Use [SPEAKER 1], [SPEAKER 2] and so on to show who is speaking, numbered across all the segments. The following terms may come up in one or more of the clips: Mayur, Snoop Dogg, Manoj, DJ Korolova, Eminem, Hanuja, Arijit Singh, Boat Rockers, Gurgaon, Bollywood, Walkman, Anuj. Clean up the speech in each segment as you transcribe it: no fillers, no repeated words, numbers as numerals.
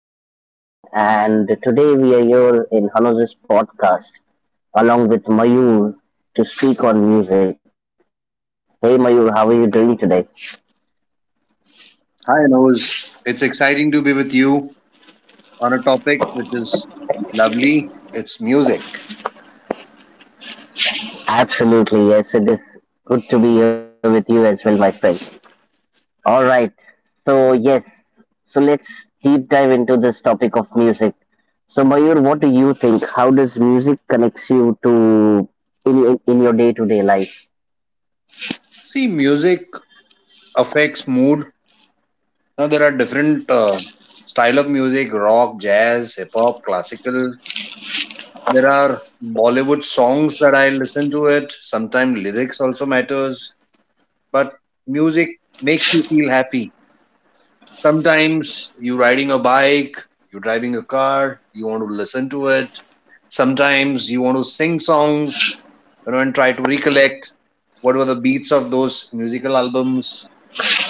[SPEAKER 1] hey, everyone. Good afternoon. And today we are here in Hanuja's podcast along with Mayur to speak on music. Hey, Mayur, how are you doing today?
[SPEAKER 2] Hi, Nose. It's exciting to be with you on a topic which is lovely. It's music.
[SPEAKER 1] Absolutely. Yes, it is good to be here with you as well, my friend. All right. So, yes. So, let's deep dive into this topic of music. So, Mayur, what do you think? How does music connects you to in your day to day life?
[SPEAKER 2] See, music affects mood. Now, there are different style of music, rock, jazz, hip hop, classical. There are Bollywood songs that I listen to it. Sometimes lyrics also matters, but music makes you feel happy. Sometimes you riding a bike, you driving a car, you want to listen to it. Sometimes you want to sing songs and try to recollect what were the beats of those musical albums.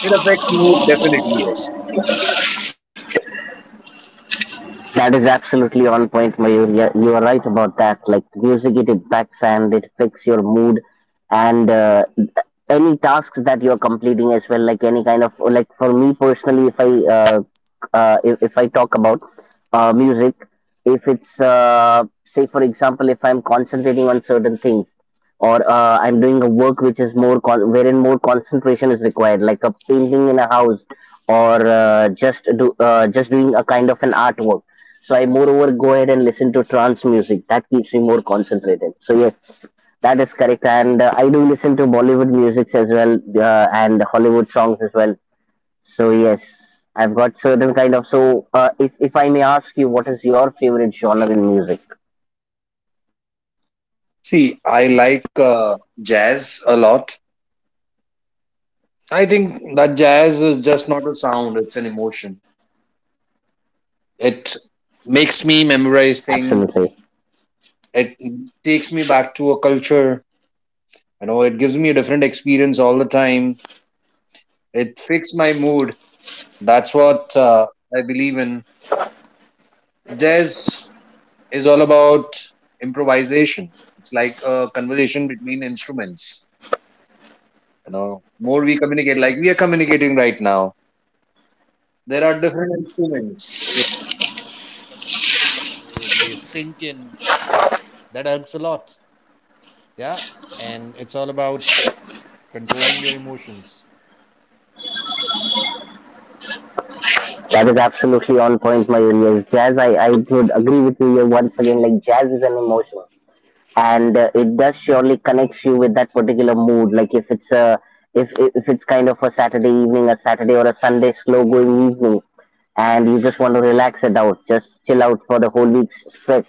[SPEAKER 2] It affects mood, definitely, yes.
[SPEAKER 1] That is absolutely on point, Mayur. Yeah, you are right about that. Like music, it impacts and it affects your mood and any tasks that you're completing as well. Like any kind of like for me personally, if I talk about music, if it's say for example, if I'm concentrating on certain things, or I'm doing a work which is wherein more concentration is required, like a painting in a house, or just doing a kind of an artwork. So I moreover go ahead and listen to trance music. That keeps me more concentrated. So yes, that is correct. And I do listen to Bollywood music as well and Hollywood songs as well. So yes, I've got certain kind of. So if I may ask you, what is your favorite genre in music?
[SPEAKER 2] See, I like jazz a lot. I think that jazz is just not a sound, it's an emotion. It makes me
[SPEAKER 1] Absolutely.
[SPEAKER 2] memorize things, it takes me back to a culture, you know, it gives me a different experience all the time. It fixes my mood. That's what I believe in. Jazz is all about improvisation. It's like a conversation between instruments. You know, more we communicate, like we are communicating right now. There are different instruments.
[SPEAKER 1] That is absolutely on point, Mayuri. Yes, jazz, I would agree with you here once again. Like, jazz is an emotion, and it does surely connects you with that particular mood. Like, if it's kind of a Saturday evening, a Saturday or a Sunday slow going evening, and you just want to relax it out, just chill out for the whole week's stress,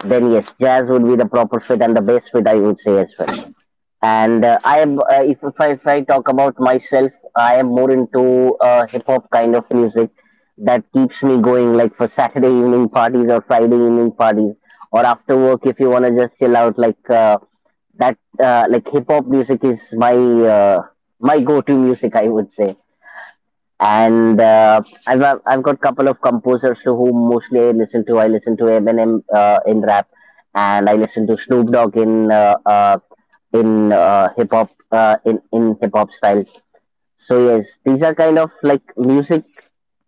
[SPEAKER 1] then yes, jazz would be the proper fit and the best fit, I would say as well. And I am, if I talk about myself, I am more into hip hop kind of music that keeps me going, like for Saturday evening parties or Friday evening parties, or after work if you want to just chill out. That, like hip hop music is my my go to music, I would say and I've got couple of composers to whom mostly I listen to. I listen to Eminem in rap, and I listen to Snoop Dogg in hip hop in hip hop style. So yes, these are kind of like music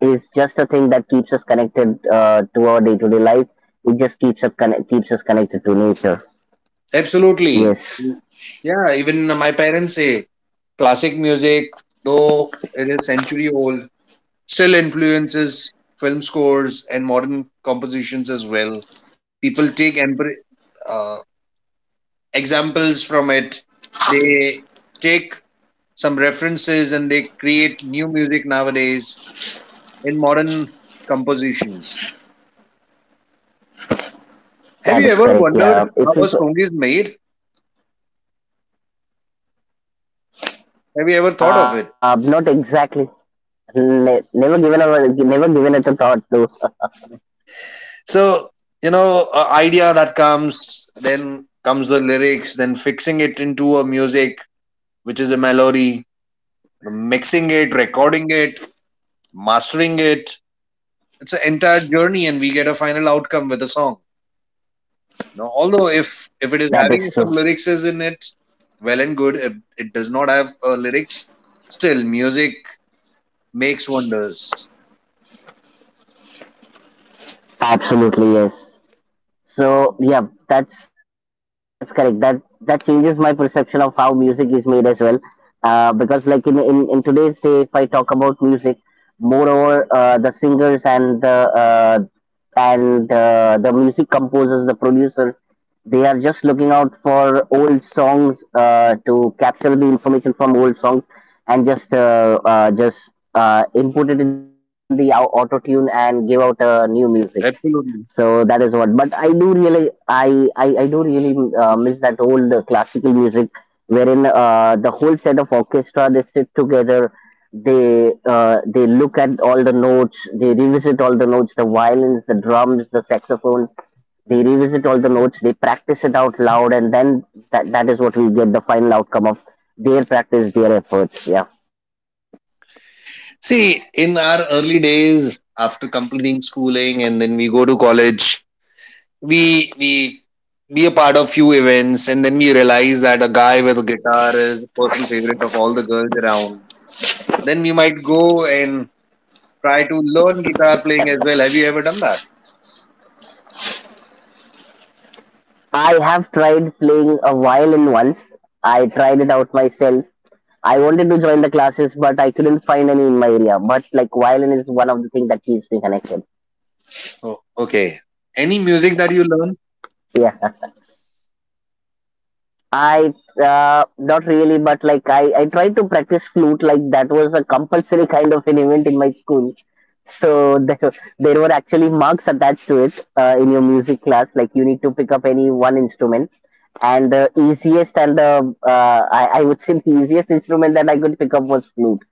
[SPEAKER 1] is just a thing that keeps us connected to our day to day life. It just keeps us connected to nature.
[SPEAKER 2] Absolutely.
[SPEAKER 1] Yes,
[SPEAKER 2] Yeah, even my parents say classic music, though it is century old, still influences film scores and modern compositions as well. People take uh, examples from it, they take some references and they create new music nowadays in modern compositions. Have you
[SPEAKER 1] that
[SPEAKER 2] ever
[SPEAKER 1] is correct.
[SPEAKER 2] wondered
[SPEAKER 1] Yeah,
[SPEAKER 2] how a
[SPEAKER 1] if you,
[SPEAKER 2] song is made? Have you ever thought of it?
[SPEAKER 1] not exactly. Never given it a thought though.
[SPEAKER 2] So, you know, a idea that comes, then comes the lyrics, then fixing it into a music, which is a melody, mixing it, recording it, mastering it. It's an entire journey, and we get a final outcome with a song. You know, although if it is
[SPEAKER 1] That is
[SPEAKER 2] having
[SPEAKER 1] true.
[SPEAKER 2] some lyrics is in it, well and good. If it does not have lyrics, still music makes wonders.
[SPEAKER 1] Absolutely yes. So yeah, that's correct. That changes my perception of how music is made as well. Because like in today's day, if I talk about music, moreover the singers and the music composers, the producers, they are just looking out for old songs to capture the information from old songs and just input it in the auto tune and give out new music. So
[SPEAKER 2] Absolutely.
[SPEAKER 1] that is what. But I do really, I do really miss that old classical music, wherein the whole set of orchestra they sit together, they look at all the notes, they revisit all the notes, the violins, the drums, the saxophones, they revisit all the notes, they practice it out loud, and then that is what we get the final outcome of their practice, their efforts. Yeah.
[SPEAKER 2] See, in our early days, after completing schooling, and then we go to college, we be a part of few events, and then we realize that a guy with a guitar is a personal favorite of all the girls around. Then we might go and try to learn guitar playing as well. Have you ever done that?
[SPEAKER 1] I have tried playing a violin once. I tried it out myself. I wanted to join the classes, but I couldn't find any in my area. But like violin is one of the things that keeps me connected.
[SPEAKER 2] Oh, okay. Any music that you learn?
[SPEAKER 1] Yeah, I not really, but like I tried to practice flute. Like that was a compulsory kind of an event in my school. So there were actually marks attached to it in your music class. Like you need to pick up any one instrument, and the easiest and the I would say the easiest instrument that I could pick up was flute.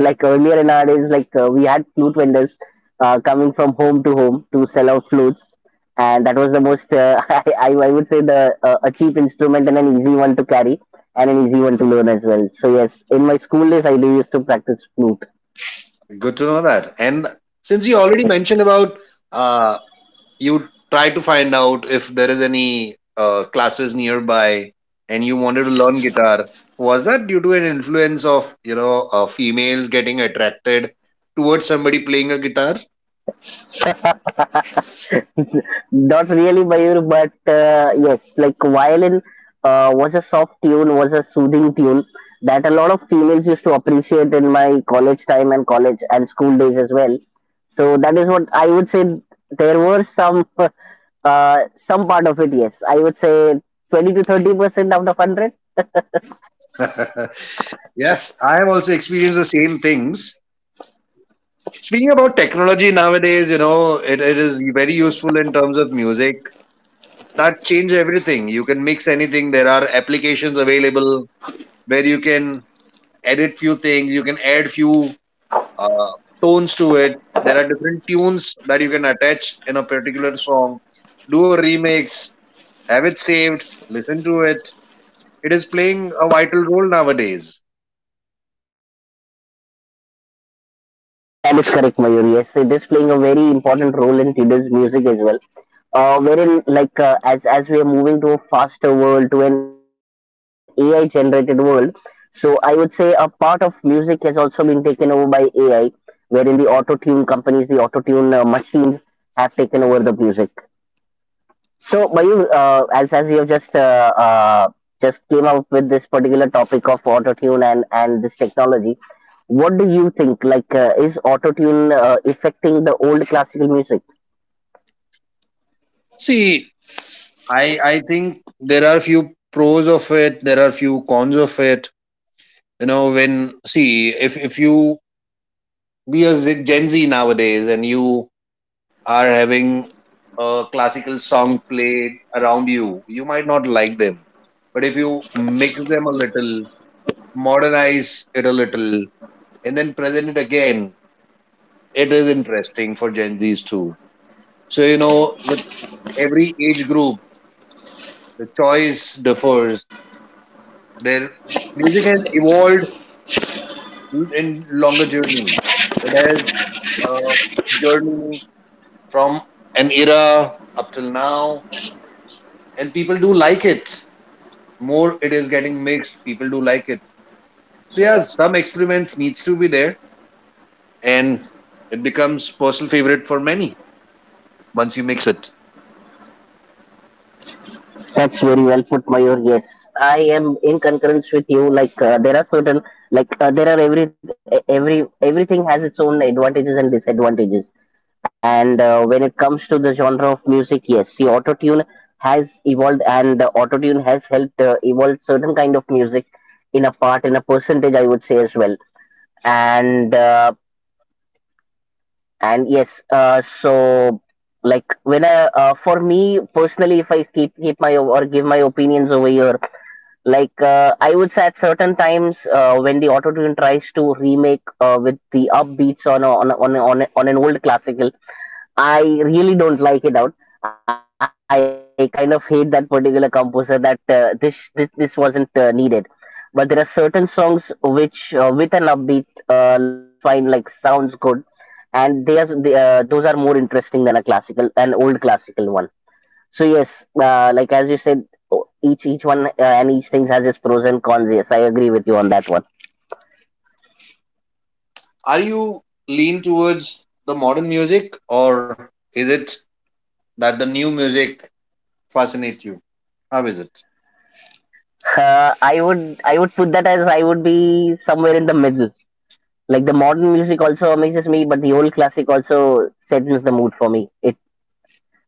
[SPEAKER 1] Like earlier in our days, like we had flute vendors coming from home to home to sell out flutes, and that was the most I would say the a cheap instrument and an easy one to carry and an easy one to learn as well. So yes, in my school days, I do used to practice flute.
[SPEAKER 2] Good to know that. And since you already mentioned about uh, you try to find out if there is any classes nearby and you wanted to learn guitar, was that due to an influence of, you know, a female getting attracted towards somebody playing a guitar?
[SPEAKER 1] Not really, Mayur, but yes, like violin was a soft tune, was a soothing tune that a lot of females used to appreciate in my college time and college and school days as well. So that is what I would say. There were uh, some part of it, yes. I would say 20 to 30% out of 100.
[SPEAKER 2] Yeah, I have also experienced the same things. Speaking about technology nowadays, you know, it is very useful in terms of music. That change everything. You can mix anything. There are applications available where you can edit few things, you can add few uh, tones to it. There are different tunes that you can attach in a particular song. Do a remix, have it saved, listen to it. It is playing a vital role nowadays.
[SPEAKER 1] That is correct, Mayur. Yes, it is playing a very important role in today's music as well. Wherein, like, as we are moving to a faster world, to an AI generated world, so I would say a part of music has also been taken over by AI, wherein the auto tune companies, the auto tune machines have taken over the music. So, Mayur, as we have just came up with this particular topic of autotune and this technology, what do you think? Like, is autotune affecting the old classical music?
[SPEAKER 2] See, I think there are few pros of it. There are few cons of it. You know, when, see, if you be a Z- Gen Z nowadays and you are having a classical song played around you, you might not like them. But if you mix them a little, modernize it a little, and then present it again. It is interesting for Gen Zs too. So, you know, with every age group, the choice differs. Their music has evolved in longer journey. It has uh, journey from an era up till now, and people do like it. More it is getting mixed, people do like it. So yeah, some experiments needs to be there, and it becomes personal favorite for many once you mix it.
[SPEAKER 1] That's very well put, Mayur. Yes, I am in concurrence with you. Like, there are certain like there are everything has its own advantages and disadvantages. And when it comes to the genre of music, yes, see, autotune has evolved, and the autotune has helped evolve certain kind of music in a part, in a percentage, I would say as well. And uh, and yes, so like when for me personally, if I keep or give my opinions over here, like I would say at certain times when the autotune tries to remake with the upbeats on an old classical, I really don't like it out. I kind of hate that particular composer that this wasn't needed. But there are certain songs which with an upbeat looks fine, like sounds good, and those are more interesting than an old classical one. So yes, like as you said, each one and each thing has its pros and cons. Yes, I agree with you on that one.
[SPEAKER 2] Are you lean towards the modern music, or is it that the new music fascinates you? How is it?
[SPEAKER 1] I would put that as I would be somewhere in the middle. Like the modern music also amazes me, but the old classic also settles the mood for me. It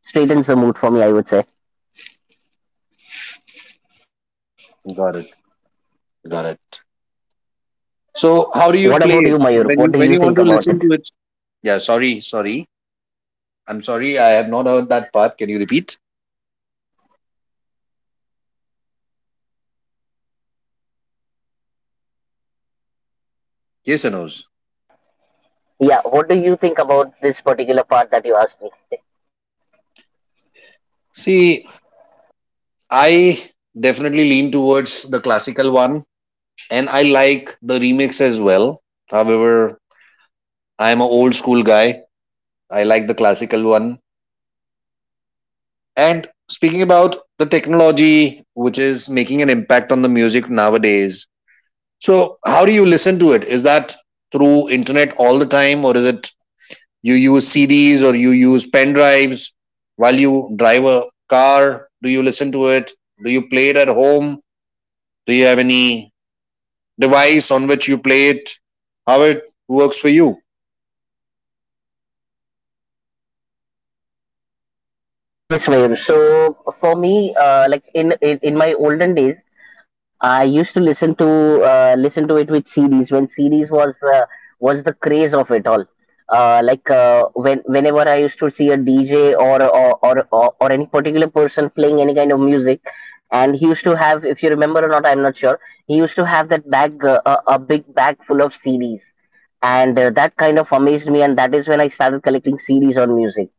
[SPEAKER 1] straightens the mood for me, I would say.
[SPEAKER 2] Got it. Got it. So how
[SPEAKER 1] What
[SPEAKER 2] do you
[SPEAKER 1] about you,
[SPEAKER 2] play it
[SPEAKER 1] Mayur? What do
[SPEAKER 2] when you
[SPEAKER 1] you
[SPEAKER 2] when
[SPEAKER 1] think
[SPEAKER 2] you want to
[SPEAKER 1] about it?
[SPEAKER 2] listen to it? Yeah, sorry. I'm sorry. I have not
[SPEAKER 1] Yeah,
[SPEAKER 2] heard that part. Can you repeat?
[SPEAKER 1] of course, yes. So, what do you think about this?
[SPEAKER 2] Yes or no's?
[SPEAKER 1] Yeah, what do you think about this particular part that you asked me?
[SPEAKER 2] See, I definitely lean towards the classical one, and I like the remix as well. However, I am an old school guy. I like the classical one. And speaking about the technology, which is making an impact on the music nowadays, so how do you listen to it? Is that through internet all the time, or is it you use CDs or you use pen drives while you drive a car? Do you listen to it? Do you play it at home? Do you have any device on which you play it? How it works for you?
[SPEAKER 1] Yes, Mayur. So for me, in my olden days, I used to listen to listen to it with CDs when CDs was the craze of it all. Like whenever I used to see a DJ or any particular person playing any kind of music, and he used to have, if you remember or not, I'm not sure. He used to have that bag, a big bag full of CDs, and that kind of amazed me, and that is when I started collecting CDs on music.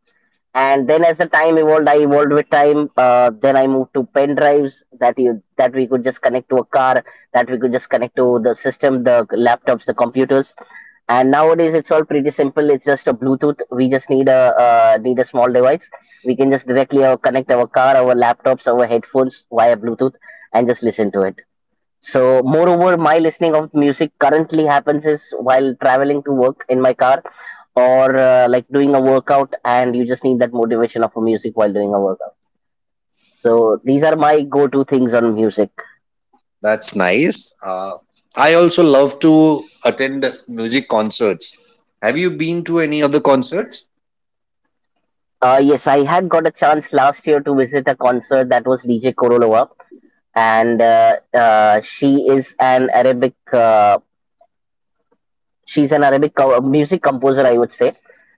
[SPEAKER 1] And then as the time evolved, I evolved with time. Then I moved to pen drives that you that we could just connect to a car, that we could just connect to the system, the laptops, the computers. And nowadays it's all pretty simple. It's just a bluetooth. We just need a need a small device. We can just directly connect our car, our laptops, our headphones via bluetooth and just listen to it. So, moreover, my listening of music currently happens is while traveling to work in my car or like doing a workout, and you just need that motivation of a music while doing a workout. So, these are my go to things on music.
[SPEAKER 2] That's nice. I also love to attend music concerts. Have you been to any of the concerts?
[SPEAKER 1] Yes, I had got a chance last year to visit a concert that was DJ Korolova, and she is an Arabic she's an Arabic music composer, I would say,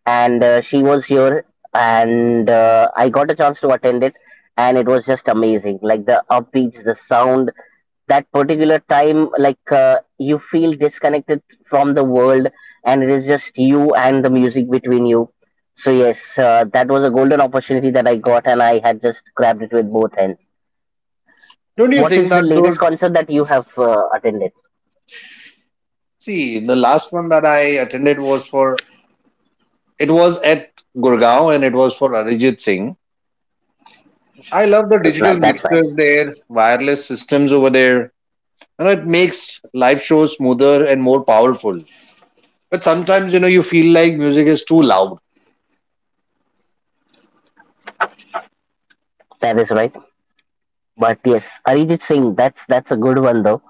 [SPEAKER 1] and she was here, and I got a chance to attend it, and it was just amazing. Like the upbeats, the sound, that particular time, like you feel disconnected from the world, and it is just you and the music between you. So yes, that was a golden opportunity that I got, and I had just grabbed it with both hands.
[SPEAKER 2] Don't you
[SPEAKER 1] What
[SPEAKER 2] think
[SPEAKER 1] is
[SPEAKER 2] that,
[SPEAKER 1] the latest
[SPEAKER 2] dude?
[SPEAKER 1] concert that you have attended?
[SPEAKER 2] See, the last one that I attended was for it was at Gurgaon, and it was for Arijit Singh. I love the digital
[SPEAKER 1] That's
[SPEAKER 2] mixers
[SPEAKER 1] nice.
[SPEAKER 2] there, wireless systems over there. You know, it makes live shows smoother and more powerful. But sometimes, you know, you feel like music is too loud.
[SPEAKER 1] That is right. But yes, Arijit Singh, that's a good one though.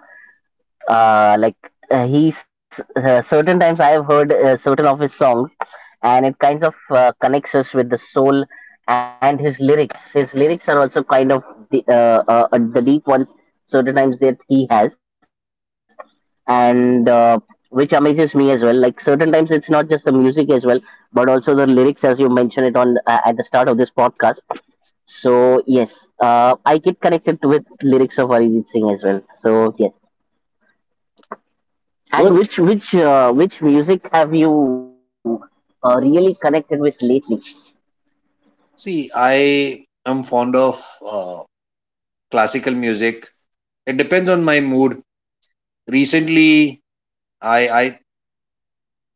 [SPEAKER 1] Like he's Certain times I have heard certain of his songs, and it kinds of connects us with the soul and his lyrics. His lyrics are also kind of the deep ones. Certain times that he has, and which amazes me as well. Like certain times it's not just the music as well, but also the lyrics, as you mentioned it on at the start of this podcast. So yes, I get connected with lyrics of Arijit Singh as well. So yes, and
[SPEAKER 2] Good.
[SPEAKER 1] which music have you really connected with lately?
[SPEAKER 2] See, I am fond of uh, classical music. It depends on my mood. Recently, I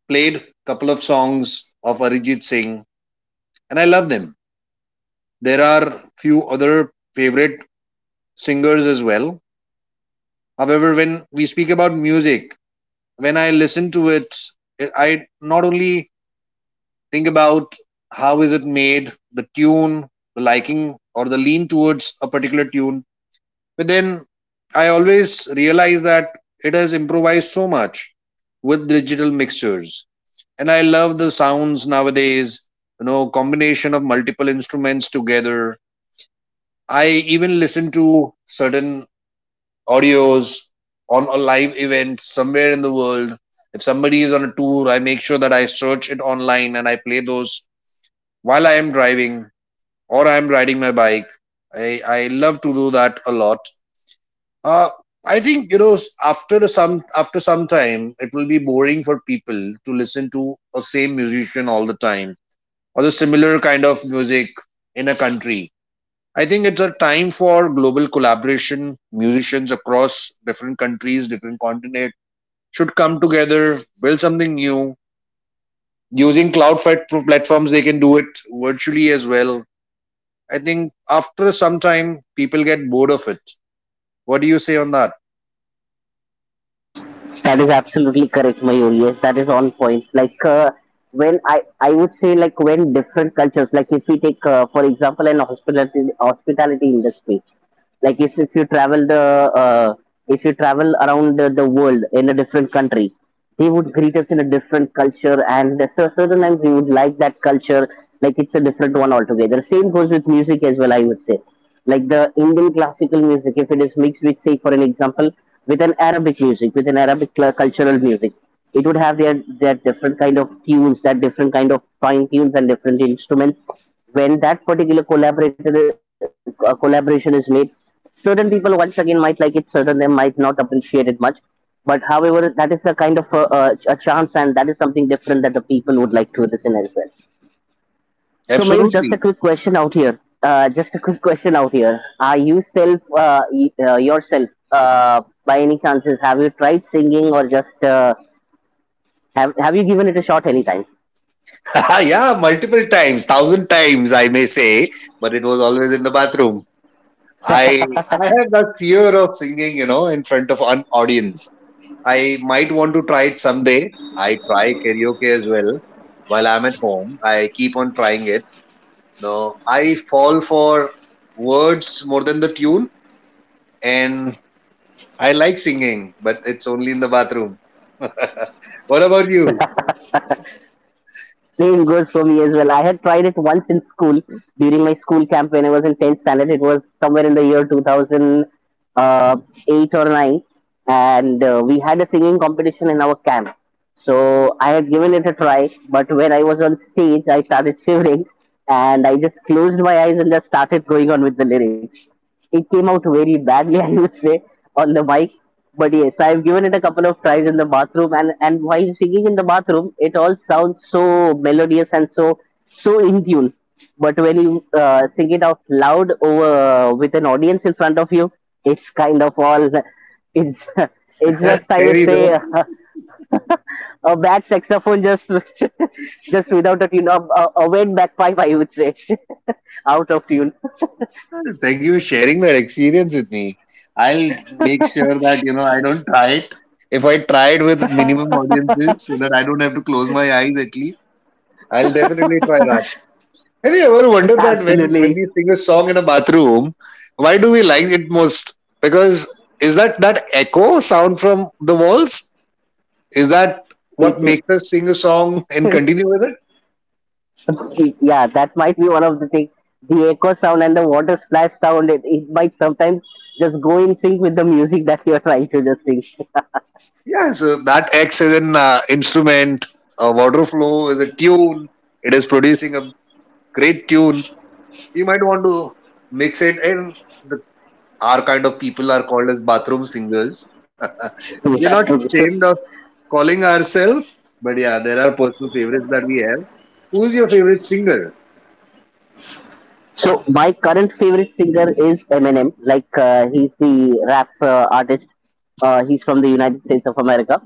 [SPEAKER 2] played couple of songs of Arijit Singh, and I love them. There are few other favorite singers as well. However, when we speak about music, when I listen to it, I not only think about how is it made, the tune, the liking or the lean towards a particular tune, but then I always realize that it has improvised so much with digital mixtures. And I love the sounds nowadays, you know, combination of multiple instruments together. I even listen to certain audios on a live event somewhere in the world. If somebody is on a tour, I make sure that I search it online and I play those while I am driving or I am riding my bike. I love to do that a lot. Uh, I think, you know, after the some after some time it will be boring for people to listen to a same musician all the time, or the similar kind of music in a country. I think it's a time for global collaboration. Musicians across different countries, different continents should come together, build something new. Using platforms, they can do it virtually as well. I think after some time, people get bored of it. What do you say on that?
[SPEAKER 1] That is absolutely correct, Mayur. Yes, that is on point. Like when I would say, like when different cultures, like if we take for example an hospitality industry, like if you travel the uh, if you travel around the world in a different country, they would greet us in a different culture, and certain times we would like that culture, like it's a different one altogether. Same goes with music as well. I would say like the Indian classical music, if it is mixed with, say, for an example, with an Arabic music, with an Arabic cultural music, it would have their different kind of tunes, that different kind of fine tunes and different instruments. When that particular collaborator collaboration is made, certain people once again might like it, certain them might not appreciate it much. But however, that is a kind of a chance, and that is something different that the people would like to listen as well. So Mayur, just a
[SPEAKER 2] Absolutely.
[SPEAKER 1] quick question out here. Are you self yourself by any chances? Have you tried singing or just Have you given it a shot anytime?
[SPEAKER 2] Yeah, multiple times, thousand times, I may say, but it was always in the bathroom. I have that fear of singing, you know, in front of an audience. I might want to try it someday. I try karaoke as well while I'm at home. I keep on trying it. You know, I fall for words more than the tune, and I like singing, but it's only in the bathroom. What about you?
[SPEAKER 1] Doing good for me as well. I had tried it once in school during my school camp when I was in 10th standard. It was somewhere in the year 2008 or 9, and we had a singing competition in our camp. So I had given it a try, but when I was on stage, I started shivering and I just closed my eyes and just started going on with the lyrics. It came out very badly, I would say, on the mic, but yes, I've given it a couple of tries in the bathroom, and while singing in the bathroom, it all sounds so melodious and so in tune. But when you sing it out loud over with an audience in front of you, it's kind of all it's it's
[SPEAKER 2] That's
[SPEAKER 1] just, I would
[SPEAKER 2] scary
[SPEAKER 1] say,
[SPEAKER 2] though.
[SPEAKER 1] a bad saxophone, just just without a tune, a wet bagpipe, I would say, out of tune.
[SPEAKER 2] Thank you for sharing that experience with me. I'll make sure that, you know, I don't try it. If I try it with minimum audiences, so that I don't have to close my eyes at least, I'll definitely try. Have you ever wondered that when,
[SPEAKER 1] Absolutely,
[SPEAKER 2] when we sing a song in a bathroom, why do we like it most? Because is that that echo sound from the walls? Is that
[SPEAKER 1] it
[SPEAKER 2] what makes us sing a song and continue with it?
[SPEAKER 1] it, yeah, that might be one of the things. The echo sound and the water splash sound, it might sometimes just go in sync with the music that you're trying to just sing.
[SPEAKER 2] Yeah, so that acts as an instrument, a water flow is a tune. It is producing a great tune. You might want to mix it, and the, our kind of people are called as bathroom singers. We're not
[SPEAKER 1] Yeah.
[SPEAKER 2] ashamed of calling ourselves. But yeah, there are personal favorites that we have. Who's your favorite singer?
[SPEAKER 1] So my current favorite singer is Eminem. Like he's the rap artist. He's from the United States of America,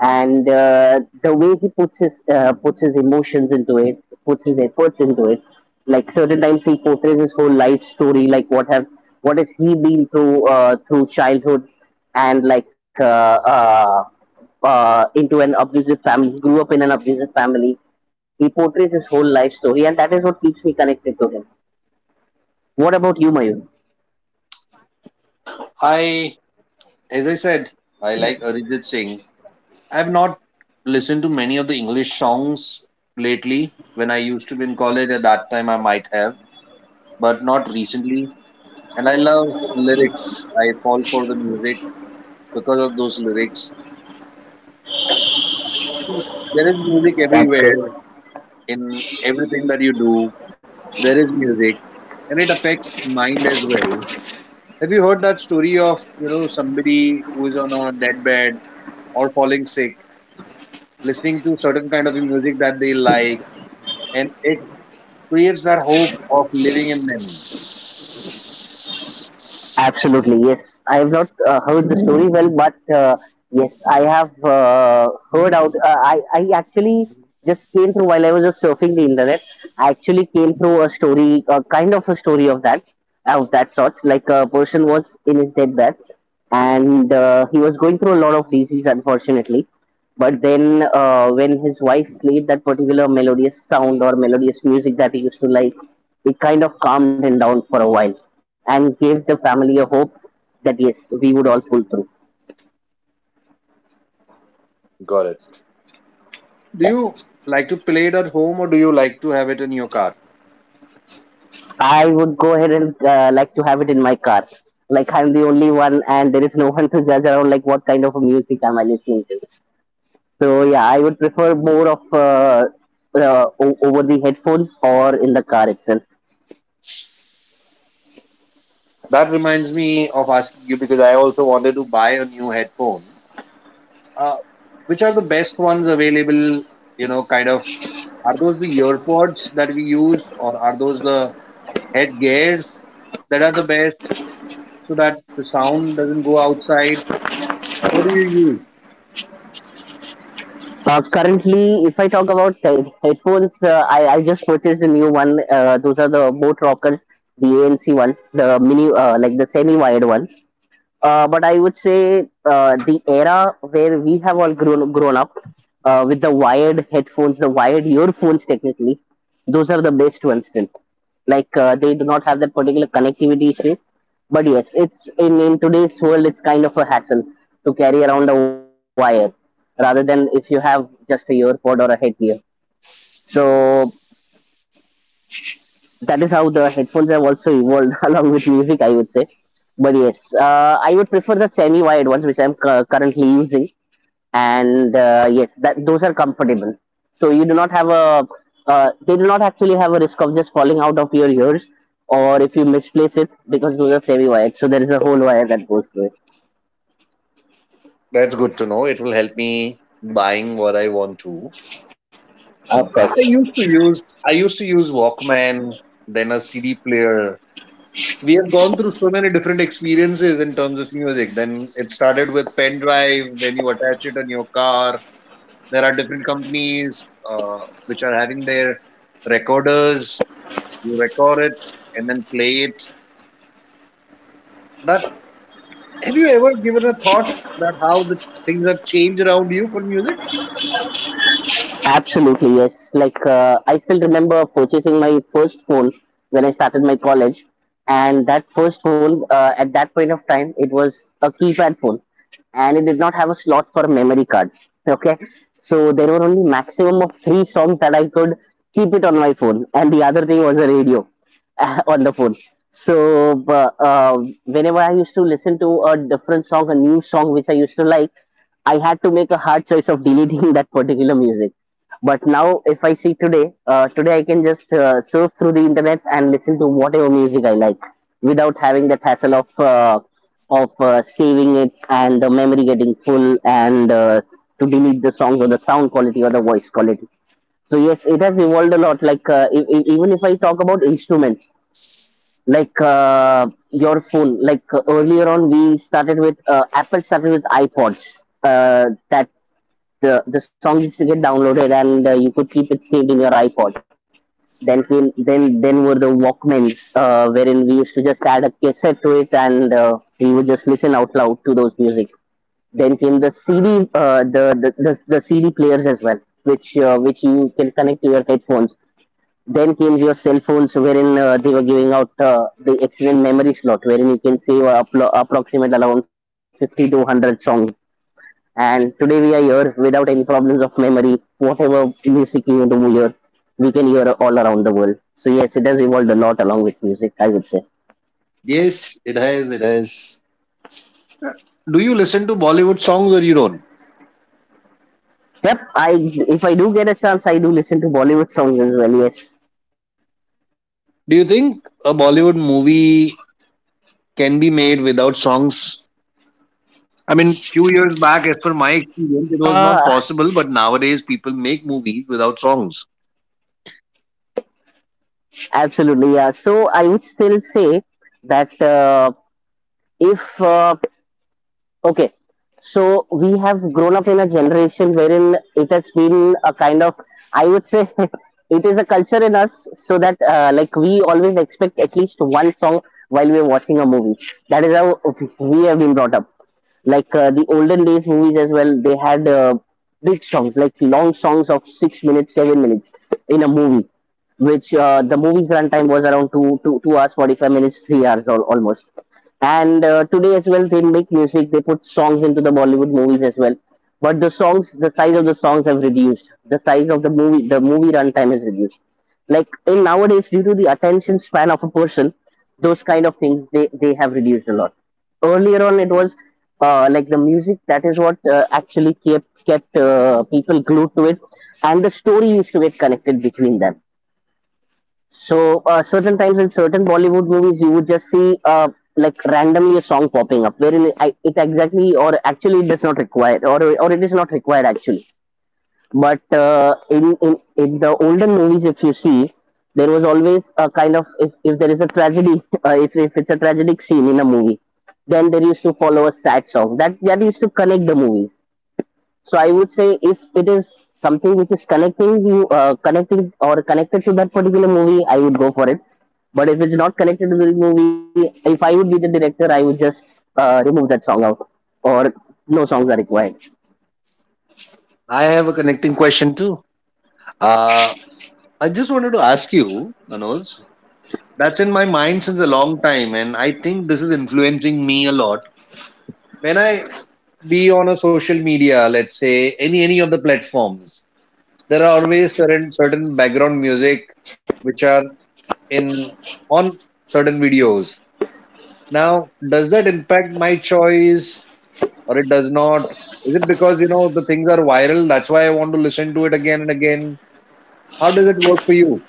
[SPEAKER 1] and the way he puts his emotions into it, puts his efforts into it. Like certain times he portrays his whole life story, like what has he been through through childhood, and into an abusive family. He grew up in an abusive family. He portrays his whole life story, and that is what keeps me connected to him. What about you, Mayur?
[SPEAKER 2] I, as I said, I like Arijit Singh. I've not listened to many of the English songs lately. When I used to be in college, at that time I might have, but not recently. And I love lyrics. I fall for the music because of those lyrics. There is music
[SPEAKER 1] That's
[SPEAKER 2] everywhere
[SPEAKER 1] great.
[SPEAKER 2] in everything that you do. There is music, and it affects mind as well. Have you heard that story of, you know, somebody who is on a deathbed or falling sick, listening to certain kind of music that they like, and it creates that hope of living in them.
[SPEAKER 1] Absolutely, yes. I have not heard the story well, but yes, I have heard out. I actually just came through while I was just surfing the internet. I actually came through a story, a kind of a story of that sort. Like a person was in his deathbed, and he was going through a lot of disease, unfortunately. But then, when his wife played that particular melodious sound or melodious music that he used to like, it kind of calmed him down for a while and gave the family a hope that yes, we would all pull through.
[SPEAKER 2] Got it. Do
[SPEAKER 1] Yeah.
[SPEAKER 2] you like to play it at home or do you like to have it in your car?
[SPEAKER 1] I would go ahead and like to have it in my car. Like I'm the only one, and there is no one to judge around. Like what kind of a music am I listening to? So yeah, I would prefer more of uh, over the headphones or in the car itself.
[SPEAKER 2] That reminds me of asking you because I also wanted to buy a new headphone. Uh, which are the best ones available? You know, kind of, are those the earpods that we use, or are those the head gears that are the best, so that the sound doesn't go outside? What do you use?
[SPEAKER 1] Currently, if I talk about headphones, I just purchased a new one. Those are the Boat Rockers, the ANC one, the mini, like the semi-wired ones. But I would say the era where we have all grown up with the wired headphones, the wired earphones, technically, those are the best ones still, like they do not have that particular connectivity issue, but yes, it's in today's world, it's kind of a hassle to carry around a wire rather than if you have just a ear pod or a headgear. So that is how the headphones have also evolved along with music, I would say. But yes, I would prefer the semi wired ones which I'm currently using, and yes, that those are comfortable. So you do not have a they do not actually have a risk of just falling out of your ears or if you misplace it, because those are semi wired. So there is a whole wire that goes through it.
[SPEAKER 2] That's good to know. It will help me buying what I want to.
[SPEAKER 1] Of course.
[SPEAKER 2] I used to use Walkman, then a CD player. We have gone through so many different experiences in terms of music. Then it started with pen drive when you attach it on your car. There are different companies which are having their recorders. You record it and then play it. That. Have you ever given a thought that how the things have changed around you for music?
[SPEAKER 1] Absolutely, yes. Like, I still remember purchasing my first phone when I started my college. And that first phone, at that point of time, it was a keypad phone. And it did not have a slot for a memory card. Okay. So there were only maximum of three songs that I could keep it on my phone. And the other thing was a radio on the phone. So whenever I used to listen to a different song, a new song which I used to like, I had to make a hard choice of deleting that particular music. But now, if I see today, today I can just surf through the internet and listen to whatever music I like without having that hassle of saving it and the memory getting full and to delete the songs or the sound quality or the voice quality. So yes, it has evolved a lot. Like even if I talk about instruments, like your phone, like earlier on we started with Apple started with iPods. That The song used to get downloaded and you could keep it saved in your iPod. Then came then were the Walkmans, wherein we used to just add a cassette to it and we would just listen out loud to those music. Then came the CD the CD players as well, which you can connect to your headphones. Then came your cell phones, wherein they were giving out the excellent memory slot, wherein you can save approximate around 50 to 100 songs, and today we are here without any problems of memory. Whatever music you want to hear, we can hear all around the world. So yes, it has evolved a lot along with music, I would say.
[SPEAKER 2] Yes, it has. It has. Do you listen to Bollywood songs or you don't?
[SPEAKER 1] Yep, I if I do get a chance, I do listen to Bollywood songs as well. Yes,
[SPEAKER 2] Do you think a Bollywood movie can be made without songs? I mean, few years back, as per my
[SPEAKER 1] uh,
[SPEAKER 2] experience, it was not possible. But nowadays, people make movies without songs.
[SPEAKER 1] absolutely. Yeah. So I would still say that if okay, so we have grown up in a generation wherein it has been a kind of, I would say, it is a culture in us, so that like we always expect at least one song while we are watching a movie. That is how we have been brought up. Like the olden days movies as well, they had big songs, like long songs of 6 minutes, 7 minutes in a movie, which the movie's runtime was around 2 hours, 45 minutes, 3 hours almost. And today as well, they make music. They put songs into the Bollywood movies as well. But the songs, the size of the songs have reduced. The size of the movie runtime is reduced. Like in nowadays, due to the attention span of a person, those kind of things they have reduced a lot. Earlier on, it was like the music that is what actually kept people glued to it, and the story used to get connected between them so certain times in certain Bollywood movies, you would just see like randomly a song popping up, wherein it exactly or actually it does not require, or it is not required actually. But in the older movies, if you see, there was always a kind of if there is a tragedy, if it's a tragic scene in a movie, then there used to follow a sad song. That used to connect the movies. So I would say if it is something which is connecting you, connecting or connected to that particular movie, I would go for it. But if it's not connected to the movie, if I would be the director, I would just remove that song out, or no songs are required.
[SPEAKER 2] I have a connecting question too. Uh, I just wanted to ask you, Manoj. That's in my mind since a long time, and I think this is influencing me a lot. When I be on a social media, let's say any of the platforms, there are always certain background music which are in on certain videos. Now, does that impact my choice or it does not? Is it because, you know, the things are viral, that's why I want to listen to it again and again? How does it work for you?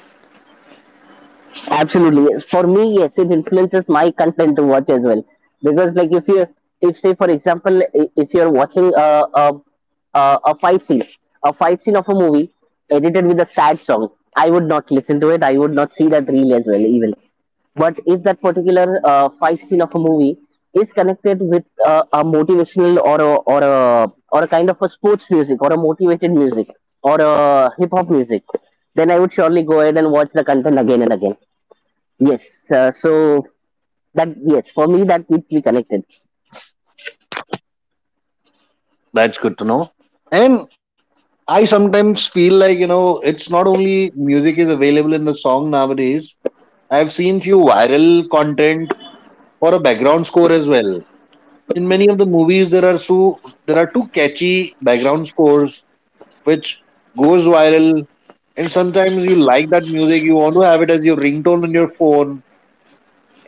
[SPEAKER 1] Absolutely. Yes. For me, yes, it influences my content to watch as well. Because like if you if say for example if you're watching a, a fight scene, a fight scene of a movie edited with a sad song, I would not listen to it. I would not see that reel as well even. But if that particular fight scene of a movie is connected with a motivational or a kind of a sports music or a motivated music or a hip hop music, then I would surely go ahead and watch the content again and again. Yes, so that yes, for me that keeps me connected.
[SPEAKER 2] That's good to know. And I sometimes feel like, you know, it's not only music is available in the song nowadays. I've seen few viral content or a background score as well. In many of the movies, there are so there are two catchy background scores which goes viral, and sometimes you like that music, you want to have it as your ringtone on your phone,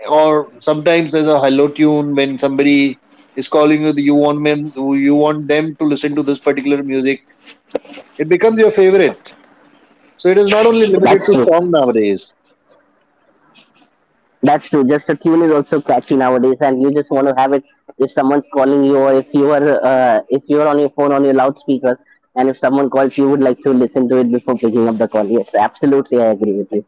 [SPEAKER 2] or sometimes there's a hello tune when somebody is calling you, you want men, you want them to listen to this particular music. It becomes your favorite. So it is not only
[SPEAKER 1] That's
[SPEAKER 2] limited
[SPEAKER 1] true.
[SPEAKER 2] to song nowadays.
[SPEAKER 1] That's true. Just a tune is also catchy nowadays, and you just want to have it. If someone's calling you, or if you are on your phone on your loudspeaker, and if someone calls, you would like to listen to it before picking up the call. Yes, absolutely, I agree with you.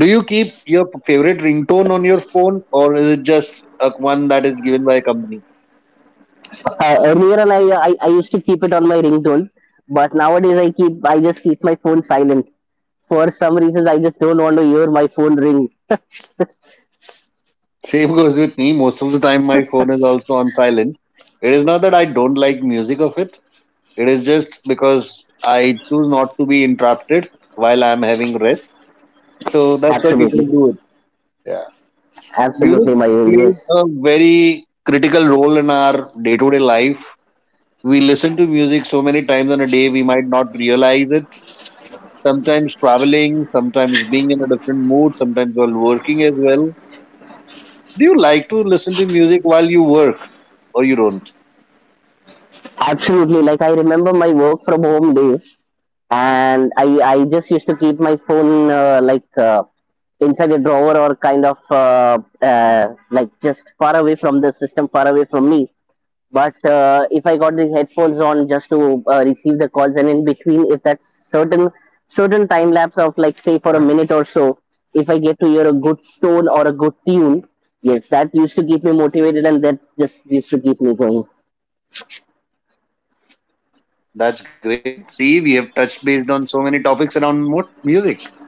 [SPEAKER 2] Do you keep your favorite ringtone on your phone, or is it just a one that is given by a company?
[SPEAKER 1] Earlier, on, I used to keep it on my ringtone, but nowadays I just keep my phone silent for some reasons I just don't want to hear my phone ring.
[SPEAKER 2] Same goes with me. Most of the time, my phone is also on silent. It is not that I don't like music of it. It is just because I choose not to be interrupted while I'm having rest. So that's why people
[SPEAKER 1] Absolutely,
[SPEAKER 2] do it. Yeah. Music
[SPEAKER 1] absolutely, my dear.
[SPEAKER 2] plays
[SPEAKER 1] Yes,
[SPEAKER 2] a very critical role in our day to day life. We listen to music so many times in a day, we might not realize it. Sometimes traveling, sometimes being in a different mood, sometimes while working as well. Do you like to listen to music while you work or you don't?
[SPEAKER 1] absolutely. Like I remember my work from home days, and I just used to keep my phone inside a drawer or kind of like just far away from the system, far away from me. But if I got the headphones on just to receive the calls, and in between, if that's certain certain time lapse of like say for a minute or so, if I get to hear a good tone or a good tune, yes, that used to keep me motivated, and that just used to keep me going.
[SPEAKER 2] That's great. See, we have touched based on so many topics around music.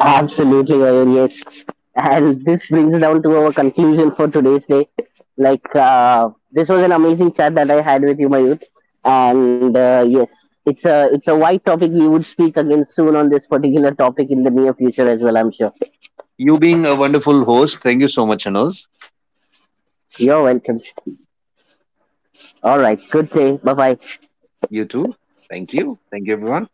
[SPEAKER 1] Absolutely, Mayur, yes. And this brings down to our conclusion for today's day. Like, this was an amazing chat that I had with you, Mayut. And yes, it's a wide topic. We would speak again soon on this particular topic in the near future as well. I'm sure.
[SPEAKER 2] You being a wonderful host. Thank you so much, Anuj.
[SPEAKER 1] You're welcome. All right. Good day. Bye bye.
[SPEAKER 2] You too. Thank you. Thank you, everyone.